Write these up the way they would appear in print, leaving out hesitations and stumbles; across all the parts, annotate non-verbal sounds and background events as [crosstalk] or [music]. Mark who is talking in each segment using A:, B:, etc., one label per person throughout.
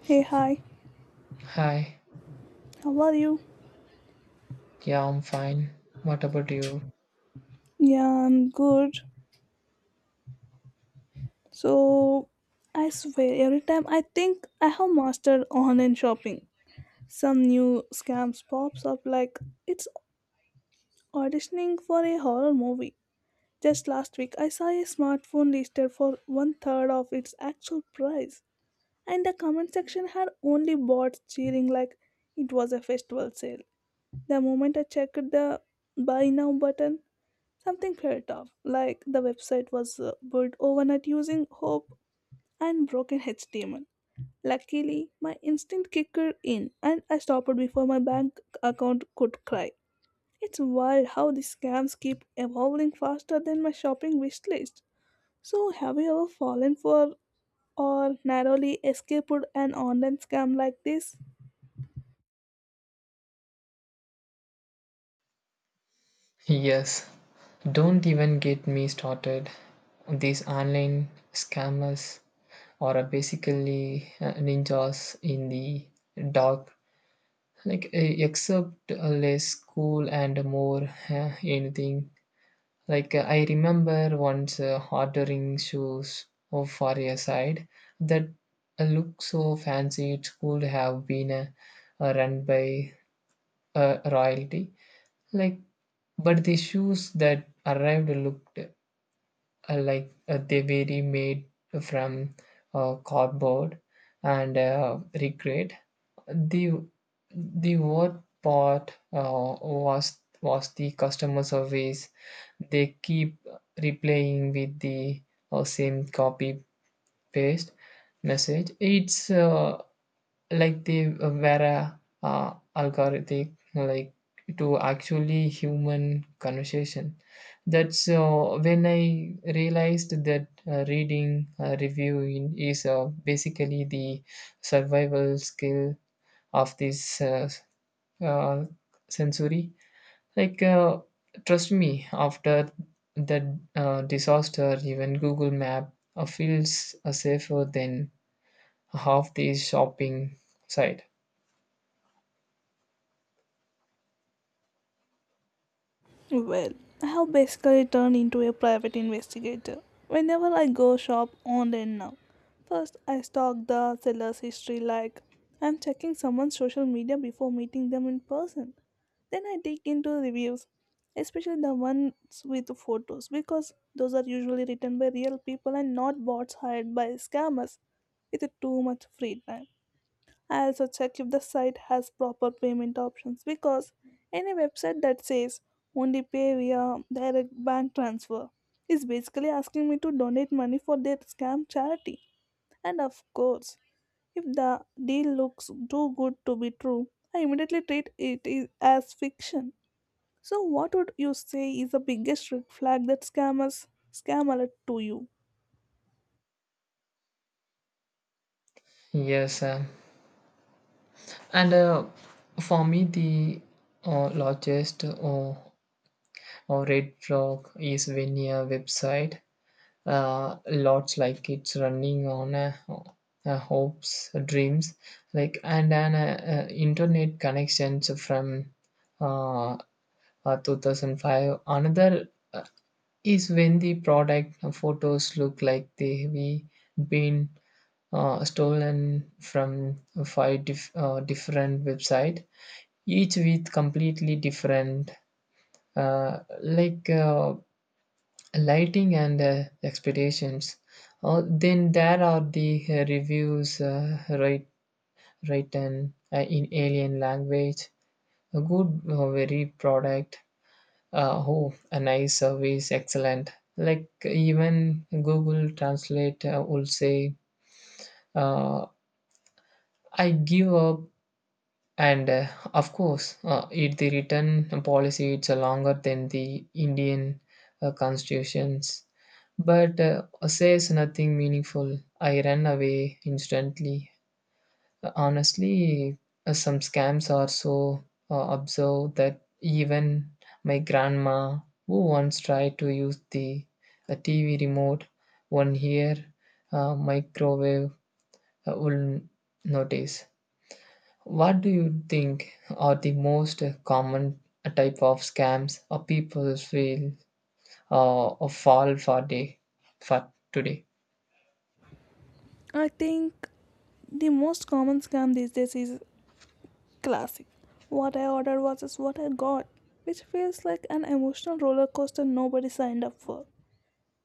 A: Hey, hi,
B: Hi,
A: how are you?
B: yeah, I'm fine. What about you?
A: Yeah, I'm good. So, I swear, every time I think I have mastered online shopping, some new scams pops up like it's auditioning for a horror movie. Just last week, I saw a smartphone listed for one third of its actual price, and the comment section had only bots cheering like it was a festival sale. The moment I checked the buy now button, something felt off, like the website was built overnight using hope and broken HTML. Luckily, my instinct kicked in and I stopped before my bank account could cry. It's wild how the scams keep evolving faster than my shopping wish list. So, have you ever fallen for or narrowly escaped an online scam like this?
B: Yes, don't even get me started. These online scammers are basically ninjas in the dark, except less cool and more anything. I remember once ordering shoes for a site that looked so fancy it could have been run by royalty. Like, but the shoes that arrived looked like they were made from cardboard and regret. The the worst part was the customer service. They keep replaying with the same copy paste message. It's Like they were a algorithmic, like, to actually human conversation. That's when I realized that reading reviewing is basically the survival skill of this uh, sensory. like uh, Trust me, after that disaster even Google Map feels safer than half the shopping site.
A: Well, I have basically turned into a private investigator. Whenever I go shop online now, first I stalk the seller's history like I'm checking someone's social media before meeting them in person. Then I dig into reviews, especially the ones with photos because those are usually written by real people and not bots hired by scammers with too much free time. I also check if the site has proper payment options because any website that says only pay via direct bank transfer is basically asking me to donate money for their scam charity. And of course, if the deal looks too good to be true, I immediately treat as fiction. So, what would you say is the biggest red flag that scammers scam alert to you?
B: Yes, and for me, the largest red flag is when a website lots like it's running on hopes, dreams, like, and an internet connections from uh, 2005. Another uh, is when the product photos look like they've been stolen from five different website, each with completely different uh, like uh, lighting and expectations. Then there are the reviews, writ- written in alien language. A good very product, oh a nice service excellent, like even Google Translate will say, uh, I give up. And of course, it the written policy, it's longer than the Indian constitutions, but says nothing meaningful. I ran away instantly. Honestly, some scams are so absurd that even my grandma, who once tried to use the TV remote, one ear microwave, will notice. What do you think are the most common type of scams or people feel or fall for day for today?
A: I think the most common scam these days is classic. What I ordered versus what I got, which feels like an emotional roller coaster nobody signed up for.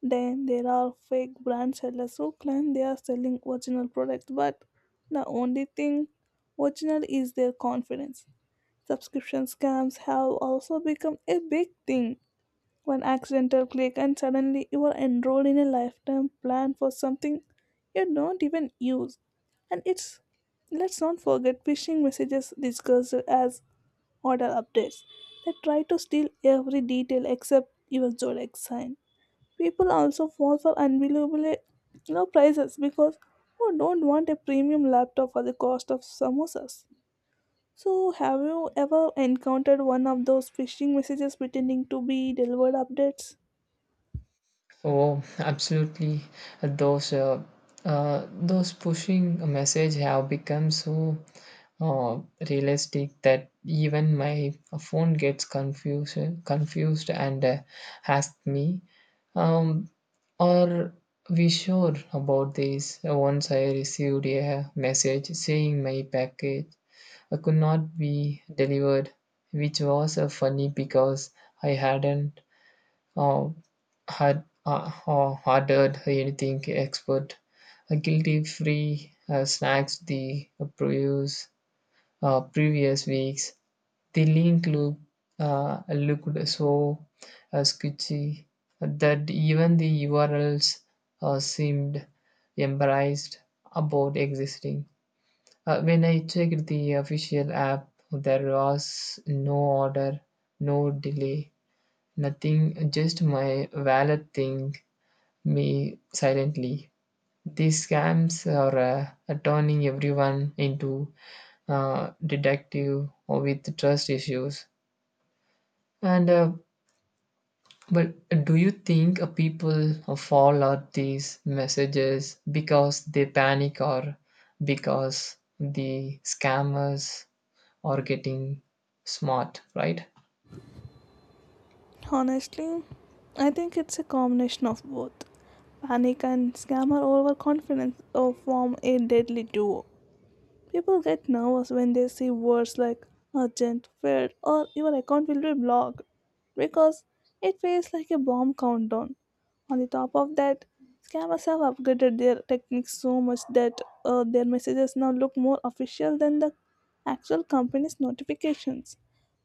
A: Then there are fake brand sellers who claim they are selling original products, but the only thing original is their confidence. Subscription scams have also become a big thing. One accidental click, and suddenly you are enrolled in a lifetime plan for something you don't even use. And it's let's not forget phishing messages disguised as order updates that try to steal every detail except your zodiac sign. People also fall for unbelievably low prices because who don't want a premium laptop for the cost of samosas? So, have you ever encountered one of those phishing messages pretending to be delivered updates?
B: Oh, absolutely. Those those pushing a message have become so uh, realistic that even my phone gets confused, and asks me, um, "Are we sure about this?" Once I received a message saying my package could not be delivered, which was funny because I hadn't uh, had ordered anything expert. A guilty free snacks the previous, previous weeks. The link looked so sketchy that even the URLs seemed embarrassed about existing. When I checked the official app, there was no order, no delay, nothing, just my wallet thing me silently. These scams are turning everyone into detective or with trust issues. And but do you think people fall out these messages because they panic or because the scammers are getting smart, right?
A: Honestly, I think it's a combination of both. Panic and scammer overconfidence form a deadly duo. People get nervous when they see words like urgent, failed, or your account will be blocked because it feels like a bomb countdown. On the top of that, scammers have upgraded their techniques so much that their messages now look more official than the actual company's notifications.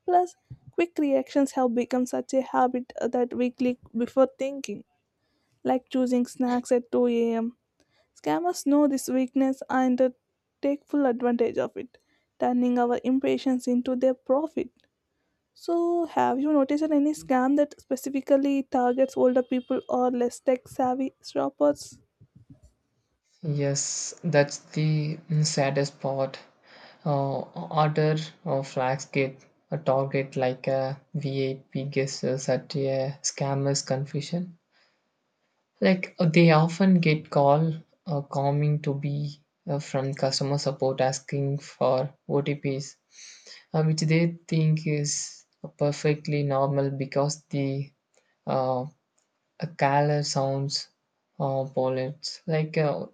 A: Plus, quick reactions have become such a habit that we click before thinking, like choosing snacks at 2 a.m. Scammers know this weakness and take full advantage of it, turning our impatience into their profit. So, have you noticed any scam that specifically targets older people or less tech savvy shoppers?
B: Yes, that's the saddest part. Order flags get a target like a VIP guesses at a scammer's confusion. They often get call coming to be from customer support asking for OTPs, which they think is perfectly normal because the uh, a caller sounds Polish.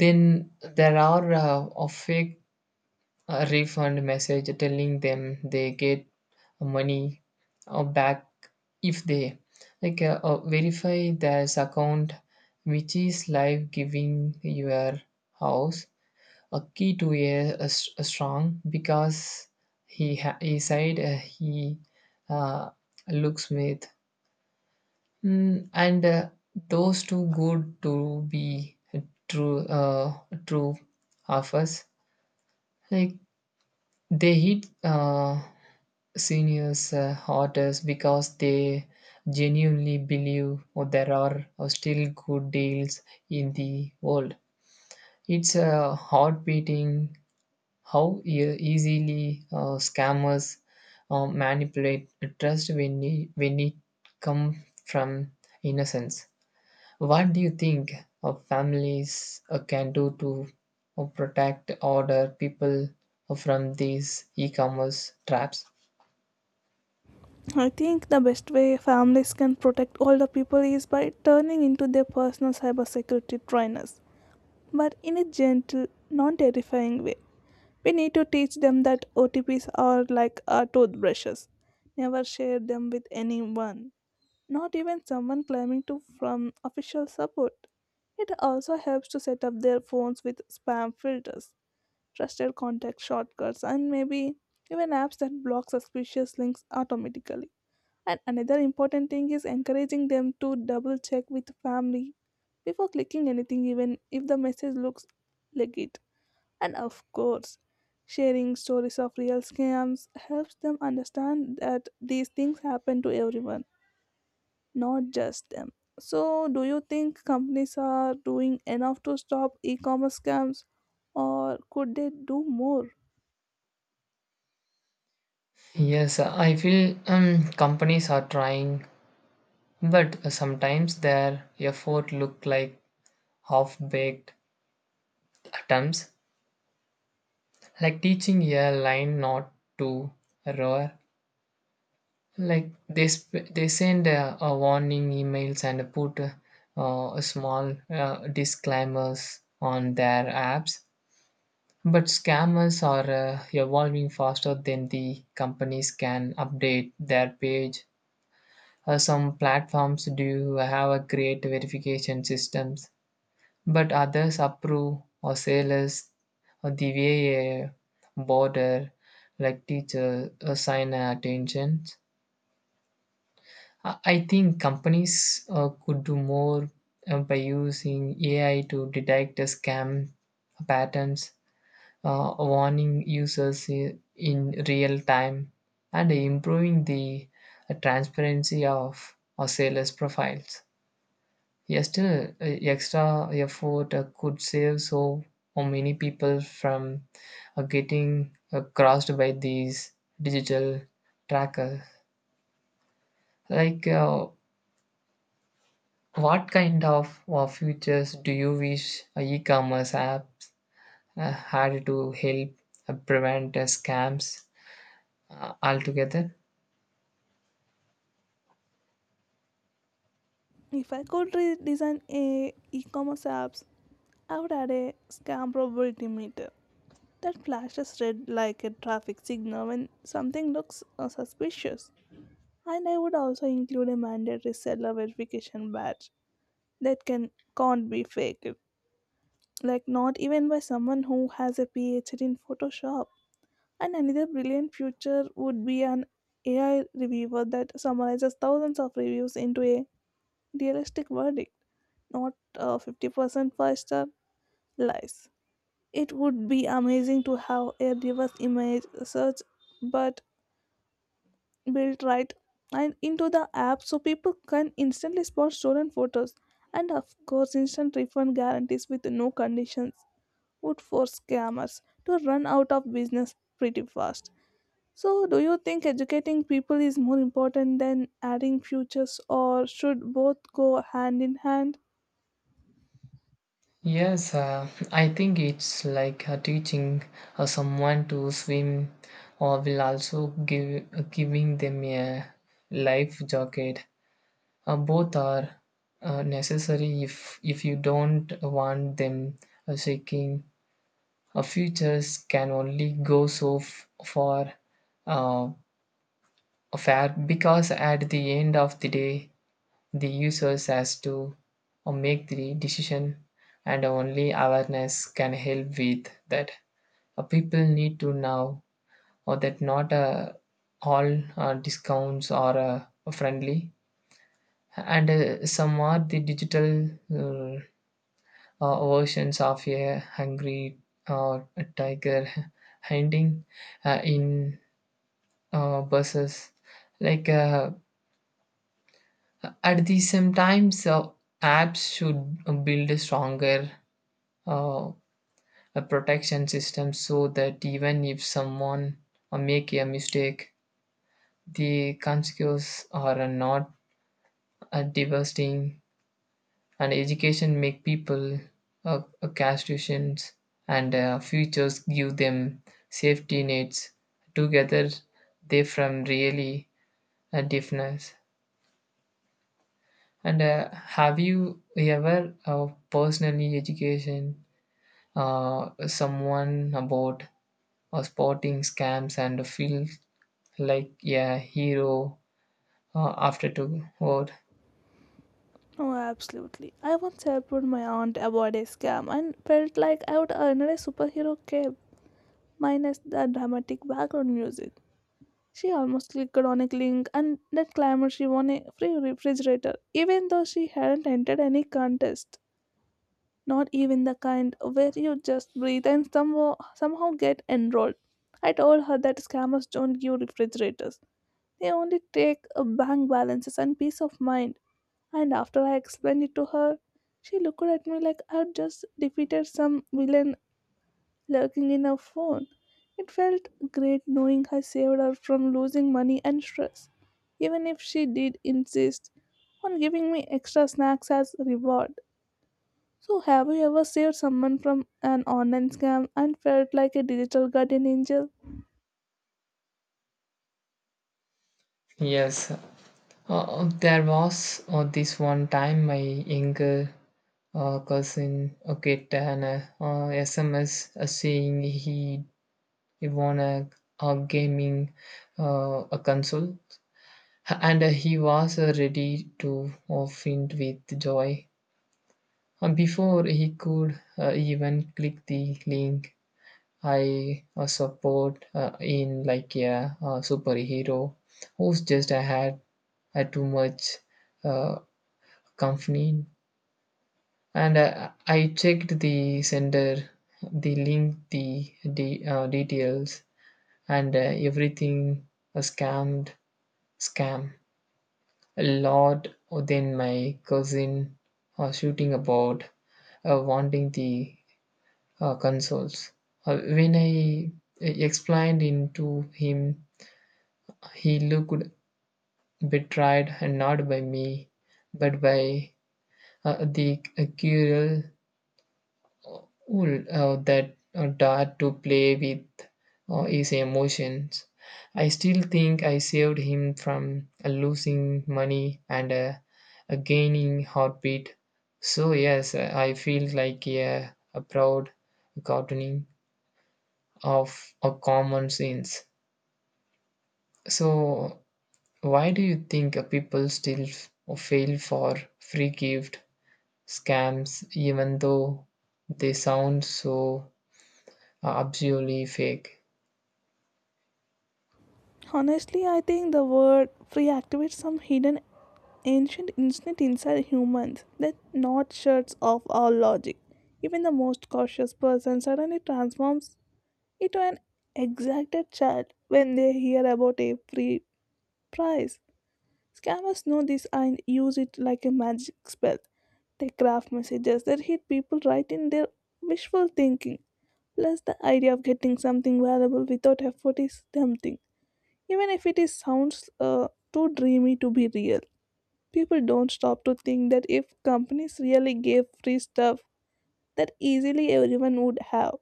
B: Then there are a fake refund message telling them they get money back if they verify their account, which is like giving your house a key to a, a strong because he said he uh, looks smith. And those too good to be true true of us, like they hit seniors hardest because they genuinely believe or there are still good deals in the world. It's a heart beating how easily scammers manipulate trust when it come from innocence. What do you think of families can do to protect order people from these e-commerce traps?
A: I think the best way families can protect older people is by turning into their personal cybersecurity trainers, but in a gentle, non terrifying way. We need to teach them that OTPs are like our toothbrushes. Never share them with anyone, not even someone claiming to from official support. It also helps to set up their phones with spam filters, trusted contact shortcuts, and maybe even apps that block suspicious links automatically. And another important thing is encouraging them to double check with family before clicking anything, even if the message looks legit. And of course, sharing stories of real scams helps them understand that these things happen to everyone, not just them. So, do you think companies are doing enough to stop e commerce scams, or could they do more?
B: Yes, I feel companies are trying, but sometimes their effort look like half-baked attempts, like teaching a line not to roar. Like they send a warning emails and put a small disclaimers on their apps. But scammers are evolving faster than the companies can update their page. Some platforms do have a great verification systems, but others approve or say less or the way a border like teacher assign attention. I think companies could do more by using AI to detect the scam patterns, warning users in real time and improving the transparency of our sellers' profiles. Yes, still, extra effort could save so many people from getting crossed by these digital trackers. Like, uh, what kind of features do you wish e-commerce apps had to help prevent scams altogether?
A: If I could redesign a e-commerce apps, I would add a scam probability meter that flashes red like a traffic signal when something looks suspicious. And I would also include a mandatory seller verification badge that can't be faked, like not even by someone who has a PhD in Photoshop. And another brilliant future would be an AI reviewer that summarizes thousands of reviews into a realistic verdict, not 50% five-star lies. It would be amazing to have a reverse image search, but built right and into the app so people can instantly spot stolen photos, and of course instant refund guarantees with no conditions would force scammers to run out of business pretty fast. So, do you think educating people is more important than adding futures, or should both go hand in hand?
B: Yes, I think it's like teaching someone to swim, or will also give giving them a life jacket. Both are necessary if you don't want them shaking. Futures can only go so f- far uh, fair because at the end of the day, the users has to make the decision and only awareness can help with that. People need to know or that not all discounts are friendly and some are the digital versions of a hungry uh, tiger [laughs] hunting in buses. like uh, at the same times, apps should build a stronger uh, a protection system so that even if someone make a mistake, the consequences are not devastating. And education make people castrations and futures give them safety nets. Together, they from really a difference. And have you ever personally education someone about spotting scams and feel like a hero after two vote?
A: Oh, absolutely. I once helped my aunt avoid a scam and felt like I would earn her a superhero cape, minus the dramatic background music. She almost clicked on a link and then claimed she won a free refrigerator, even though she hadn't entered any contest, not even the kind where you just breathe and somehow, somehow get enrolled. I told her that scammers don't give refrigerators. They only take bank balances and peace of mind. And after I explained it to her, she looked at me like I had just defeated some villain lurking in her phone. It felt great knowing I saved her from losing money and stress, even if she did insist on giving me extra snacks as reward. So, have you ever saved someone from an online scam and felt like a digital guardian angel?
B: Yes, there was this one time my younger cousin get an SMS saying he won a gaming a console and he was ready to faint with joy. Before he could even click the link, I support in like a, superhero who's just I had too much uh, company and I checked the sender, the link, the details and everything scammed scam a lot. Then my cousin shooting about wanting the consoles. When I explained into him, he looked betrayed, not by me, but by the cruel wool that dared to play with his emotions. I still think I saved him from losing money and a gaining heartbeat. So, yes, I feel like a proud gardening of a common sense. So, why do you think people still fail for free gift scams even though they sound so absolutely fake?
A: Honestly, I think the word free activates some hidden ancient instinct inside humans that not shuts off our logic. Even the most cautious person suddenly transforms into an exacted child when they hear about a free prize. Scammers know this and use it like a magic spell. They craft messages that hit people right in their wishful thinking. Plus, the idea of getting something valuable without effort is tempting, even if it is sounds too dreamy to be real. People don't stop to think that if companies really gave free stuff that easily, everyone would have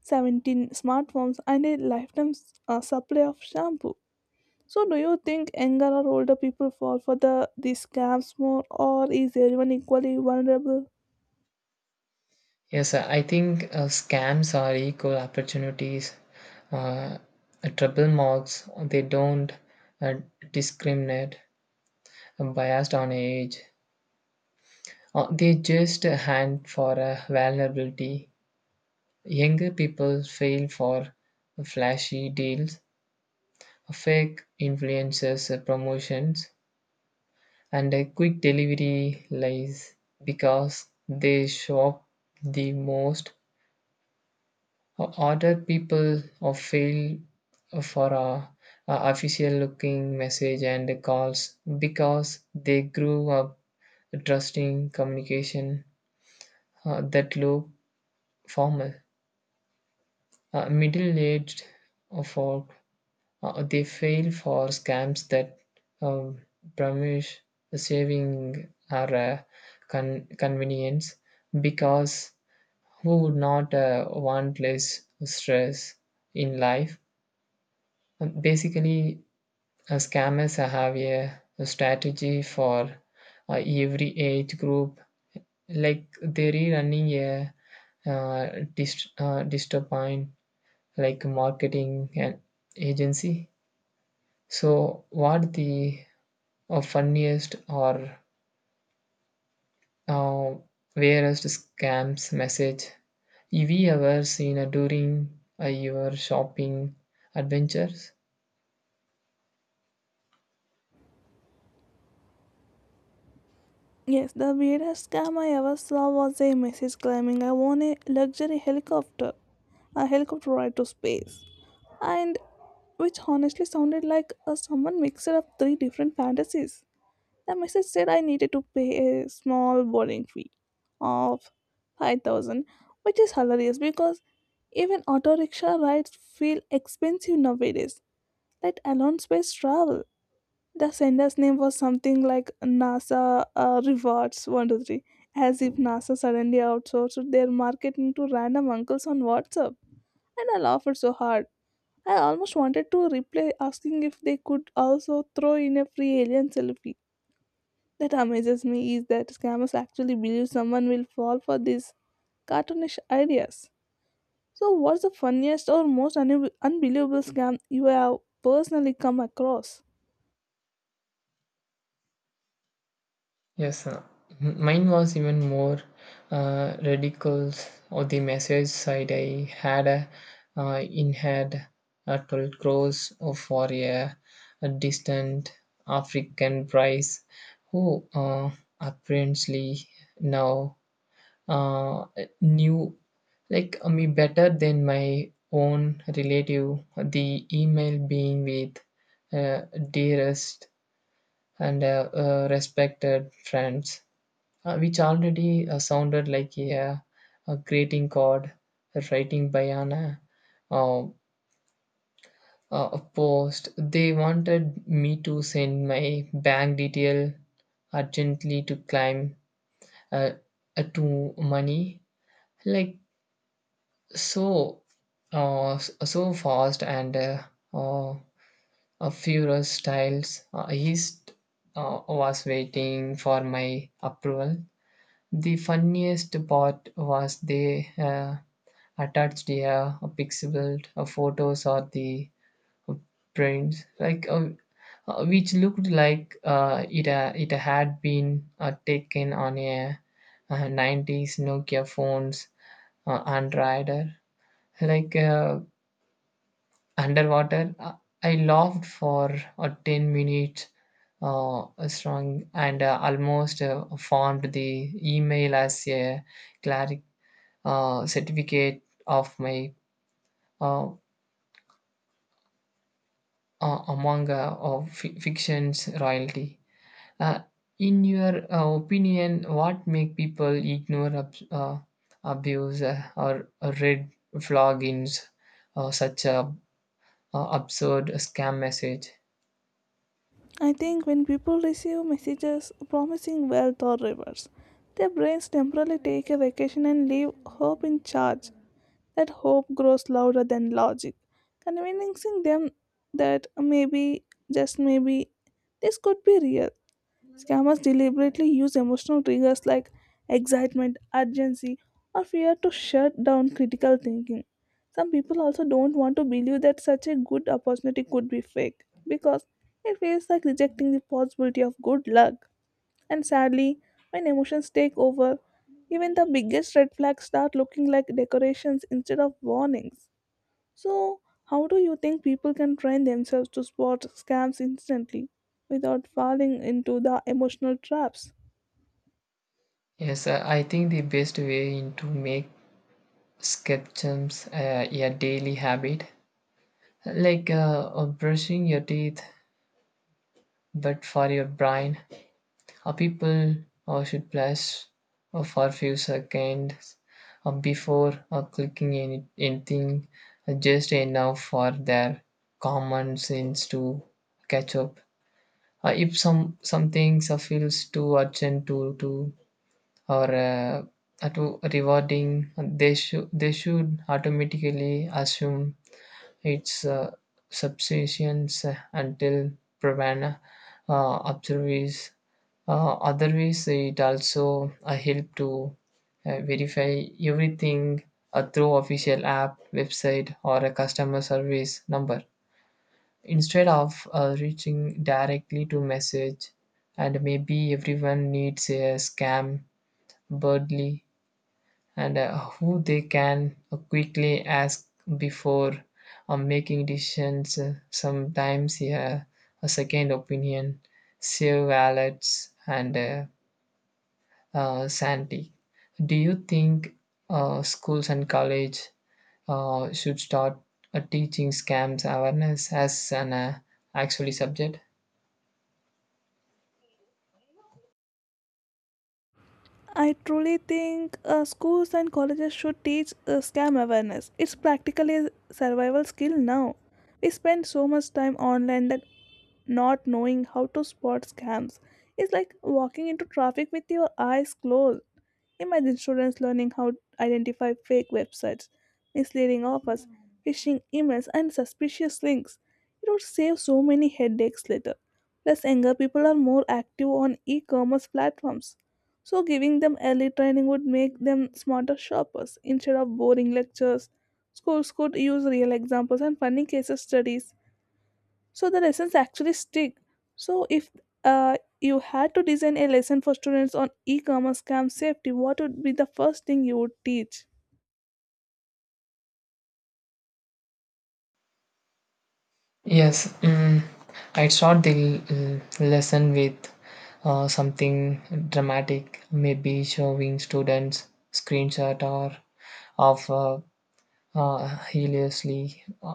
A: 17 smartphones and a lifetime supply of shampoo. So, do you think younger or older people fall for the these scams more, or is everyone equally vulnerable?
B: Yes, I think scams are equal opportunities. Uh, trouble marks, they don't uh, discriminate biased on age. They just hand for a vulnerability. Younger people fail for flashy deals, fake influencers promotions, and a quick delivery lies because they shop the most. Uh, other people or fail for a official looking message and calls because they grew up trusting communication that look formal. Middle-aged folk, they fail for scams that um, promise saving or convenience because who would not want less stress in life? Basically, scammers have a strategy for every age group. Like they're running a disturb like marketing and agency. So what the or funniest or uh, weirdest scams message have we ever seen during your shopping adventures?
A: Yes, the weirdest scam I ever saw was a message claiming I won a luxury helicopter, a helicopter ride to space, and which honestly sounded like a someone mixer of three different fantasies. The message said I needed to pay a small boarding fee of 5,000, which is hilarious because even auto rickshaw rides feel expensive nowadays, let alone space travel. The sender's name was something like NASA Rewards 123, as if NASA suddenly outsourced their marketing to random uncles on WhatsApp. And I laughed so hard. I almost wanted to reply asking if they could also throw in a free alien selfie. That amazes me is that scammers actually believe someone will fall for these cartoonish ideas. So, what's the funniest or most unbelievable scam you have personally come across?
B: Yes, mine was even more ridiculous. On the message side, I had a, in had 12 crores for a distant African prize who apparently now uh, knew me better than my own relative, the email being with uh, dearest and respected friends, which already sounded like a greeting card a writing by an uh, a post. They wanted me to send my bank detail urgently to claim uh, to money, like. So, so fast and uh, a furious styles, was waiting for my approval. The funniest part was they attached the pixelated photos or the uh, prints, which looked like it had been taken on a '90s Nokia phones Android. Like uh, Underwater. I laughed for 10 minutes strong and almost formed the email as a claric certificate of my uh, among of fiction's royalty. Uh, in your opinion, what make people ignore abuse or red flag in such a absurd scam message?
A: I think when people receive messages promising wealth or rewards, their brains temporarily take a vacation and leave hope in charge. That hope grows louder than logic, convincing them that maybe, just maybe, this could be real. Scammers deliberately use emotional triggers like excitement, urgency, or fear to shut down critical thinking. Some people also don't want to believe that such a good opportunity could be fake because it feels like rejecting the possibility of good luck. And sadly, when emotions take over, even the biggest red flags start looking like decorations instead of warnings. So, how do you think people can train themselves to spot scams instantly without falling into the emotional traps?
B: Yes, I think the best way in to make escape jumps a daily habit, like brushing your teeth, but for your brain. People should pause for a few seconds before clicking anything, just enough for their common sense to catch up. If some things feels too urgent to or to rewarding, they should automatically assume its subsistence until proven observes otherwise. It also help to verify everything through official app website or a customer service number instead of reaching directly to message. And maybe everyone needs a scam birdly and who they can quickly ask before making decisions. Sometimes, yeah, a second opinion, save wallets, and sanity. Do you think schools and college should start teaching scams awareness as an actually subject?
A: I truly think schools and colleges should teach scam awareness. It's practically a survival skill now. We spend so much time online that not knowing how to spot scams is like walking into traffic with your eyes closed. Imagine students learning how to identify fake websites, misleading offers, phishing emails, and suspicious links. It would save so many headaches later. Plus, younger people are more active on e commerce platforms, so giving them early training would make them smarter shoppers instead of boring lectures. Schools could use real examples and funny case studies so the lessons actually stick. So, if you had to design a lesson for students on e commerce scam safety, what would be the first thing you would teach?
B: Yes, I start the lesson with something dramatic, maybe showing students screenshot or of hilariously uh,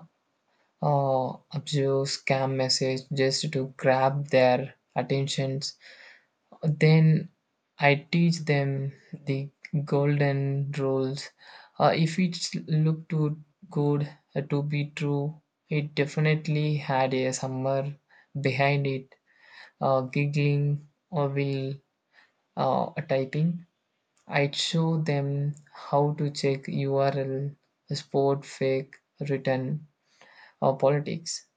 B: uh, obscure scam message just to grab their attentions. Then I teach them the golden rules. If it looked too good to be true, it definitely had a summer behind it. Giggling or will typing. I'd show them how to check URL, sport, fake, written, or politics.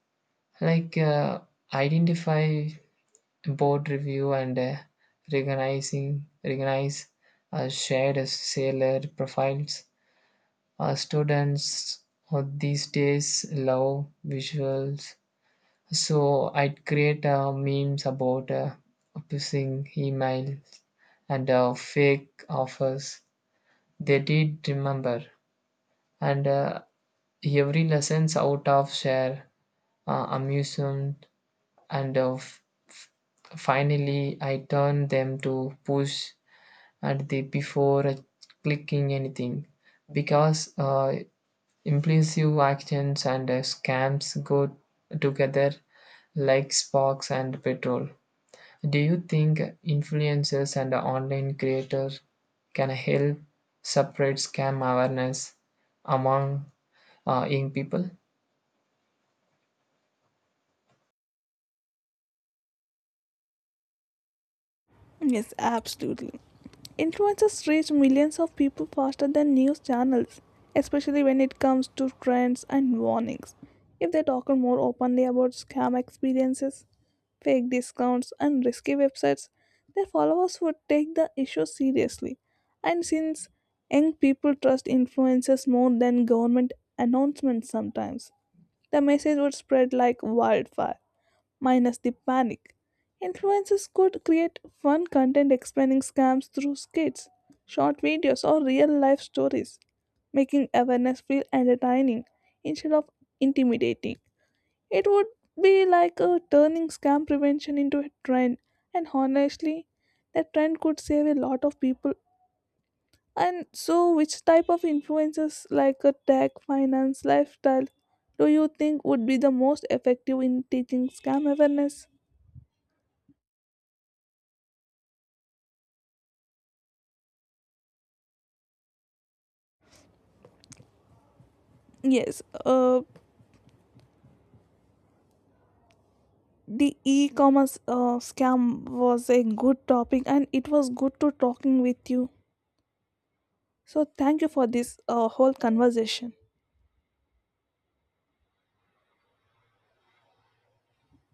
B: Like uh, Identify board review and recognizing recognize shared sailor profiles. Students these days love visuals, so I'd create memes about pushing emails and fake offers. They did remember, and every lessons out of share amusement. And of finally I turned them to push at the before clicking anything because impulsive actions and scams go together like sparks and petrol. Do you think influencers and online creators can help separate scam awareness among young people?
A: Yes, absolutely. Influencers reach millions of people faster than news channels, especially when it comes to trends and warnings. If they talk more openly about scam experiences, fake discounts, and risky websites, their followers would take the issue seriously. And since young people trust influencers more than government announcements sometimes, the message would spread like wildfire, minus the panic. Influencers could create fun content explaining scams through skits, short videos, or real life stories, making awareness feel entertaining instead of intimidating. It would be like a turning scam prevention into a trend, and honestly, that trend could save a lot of people. And so, which type of influencers like a tech, finance, lifestyle do you think would be the most effective in teaching scam awareness? Yes, the e-commerce scam was a good topic, and it was good to talking with you. So thank you for this whole conversation.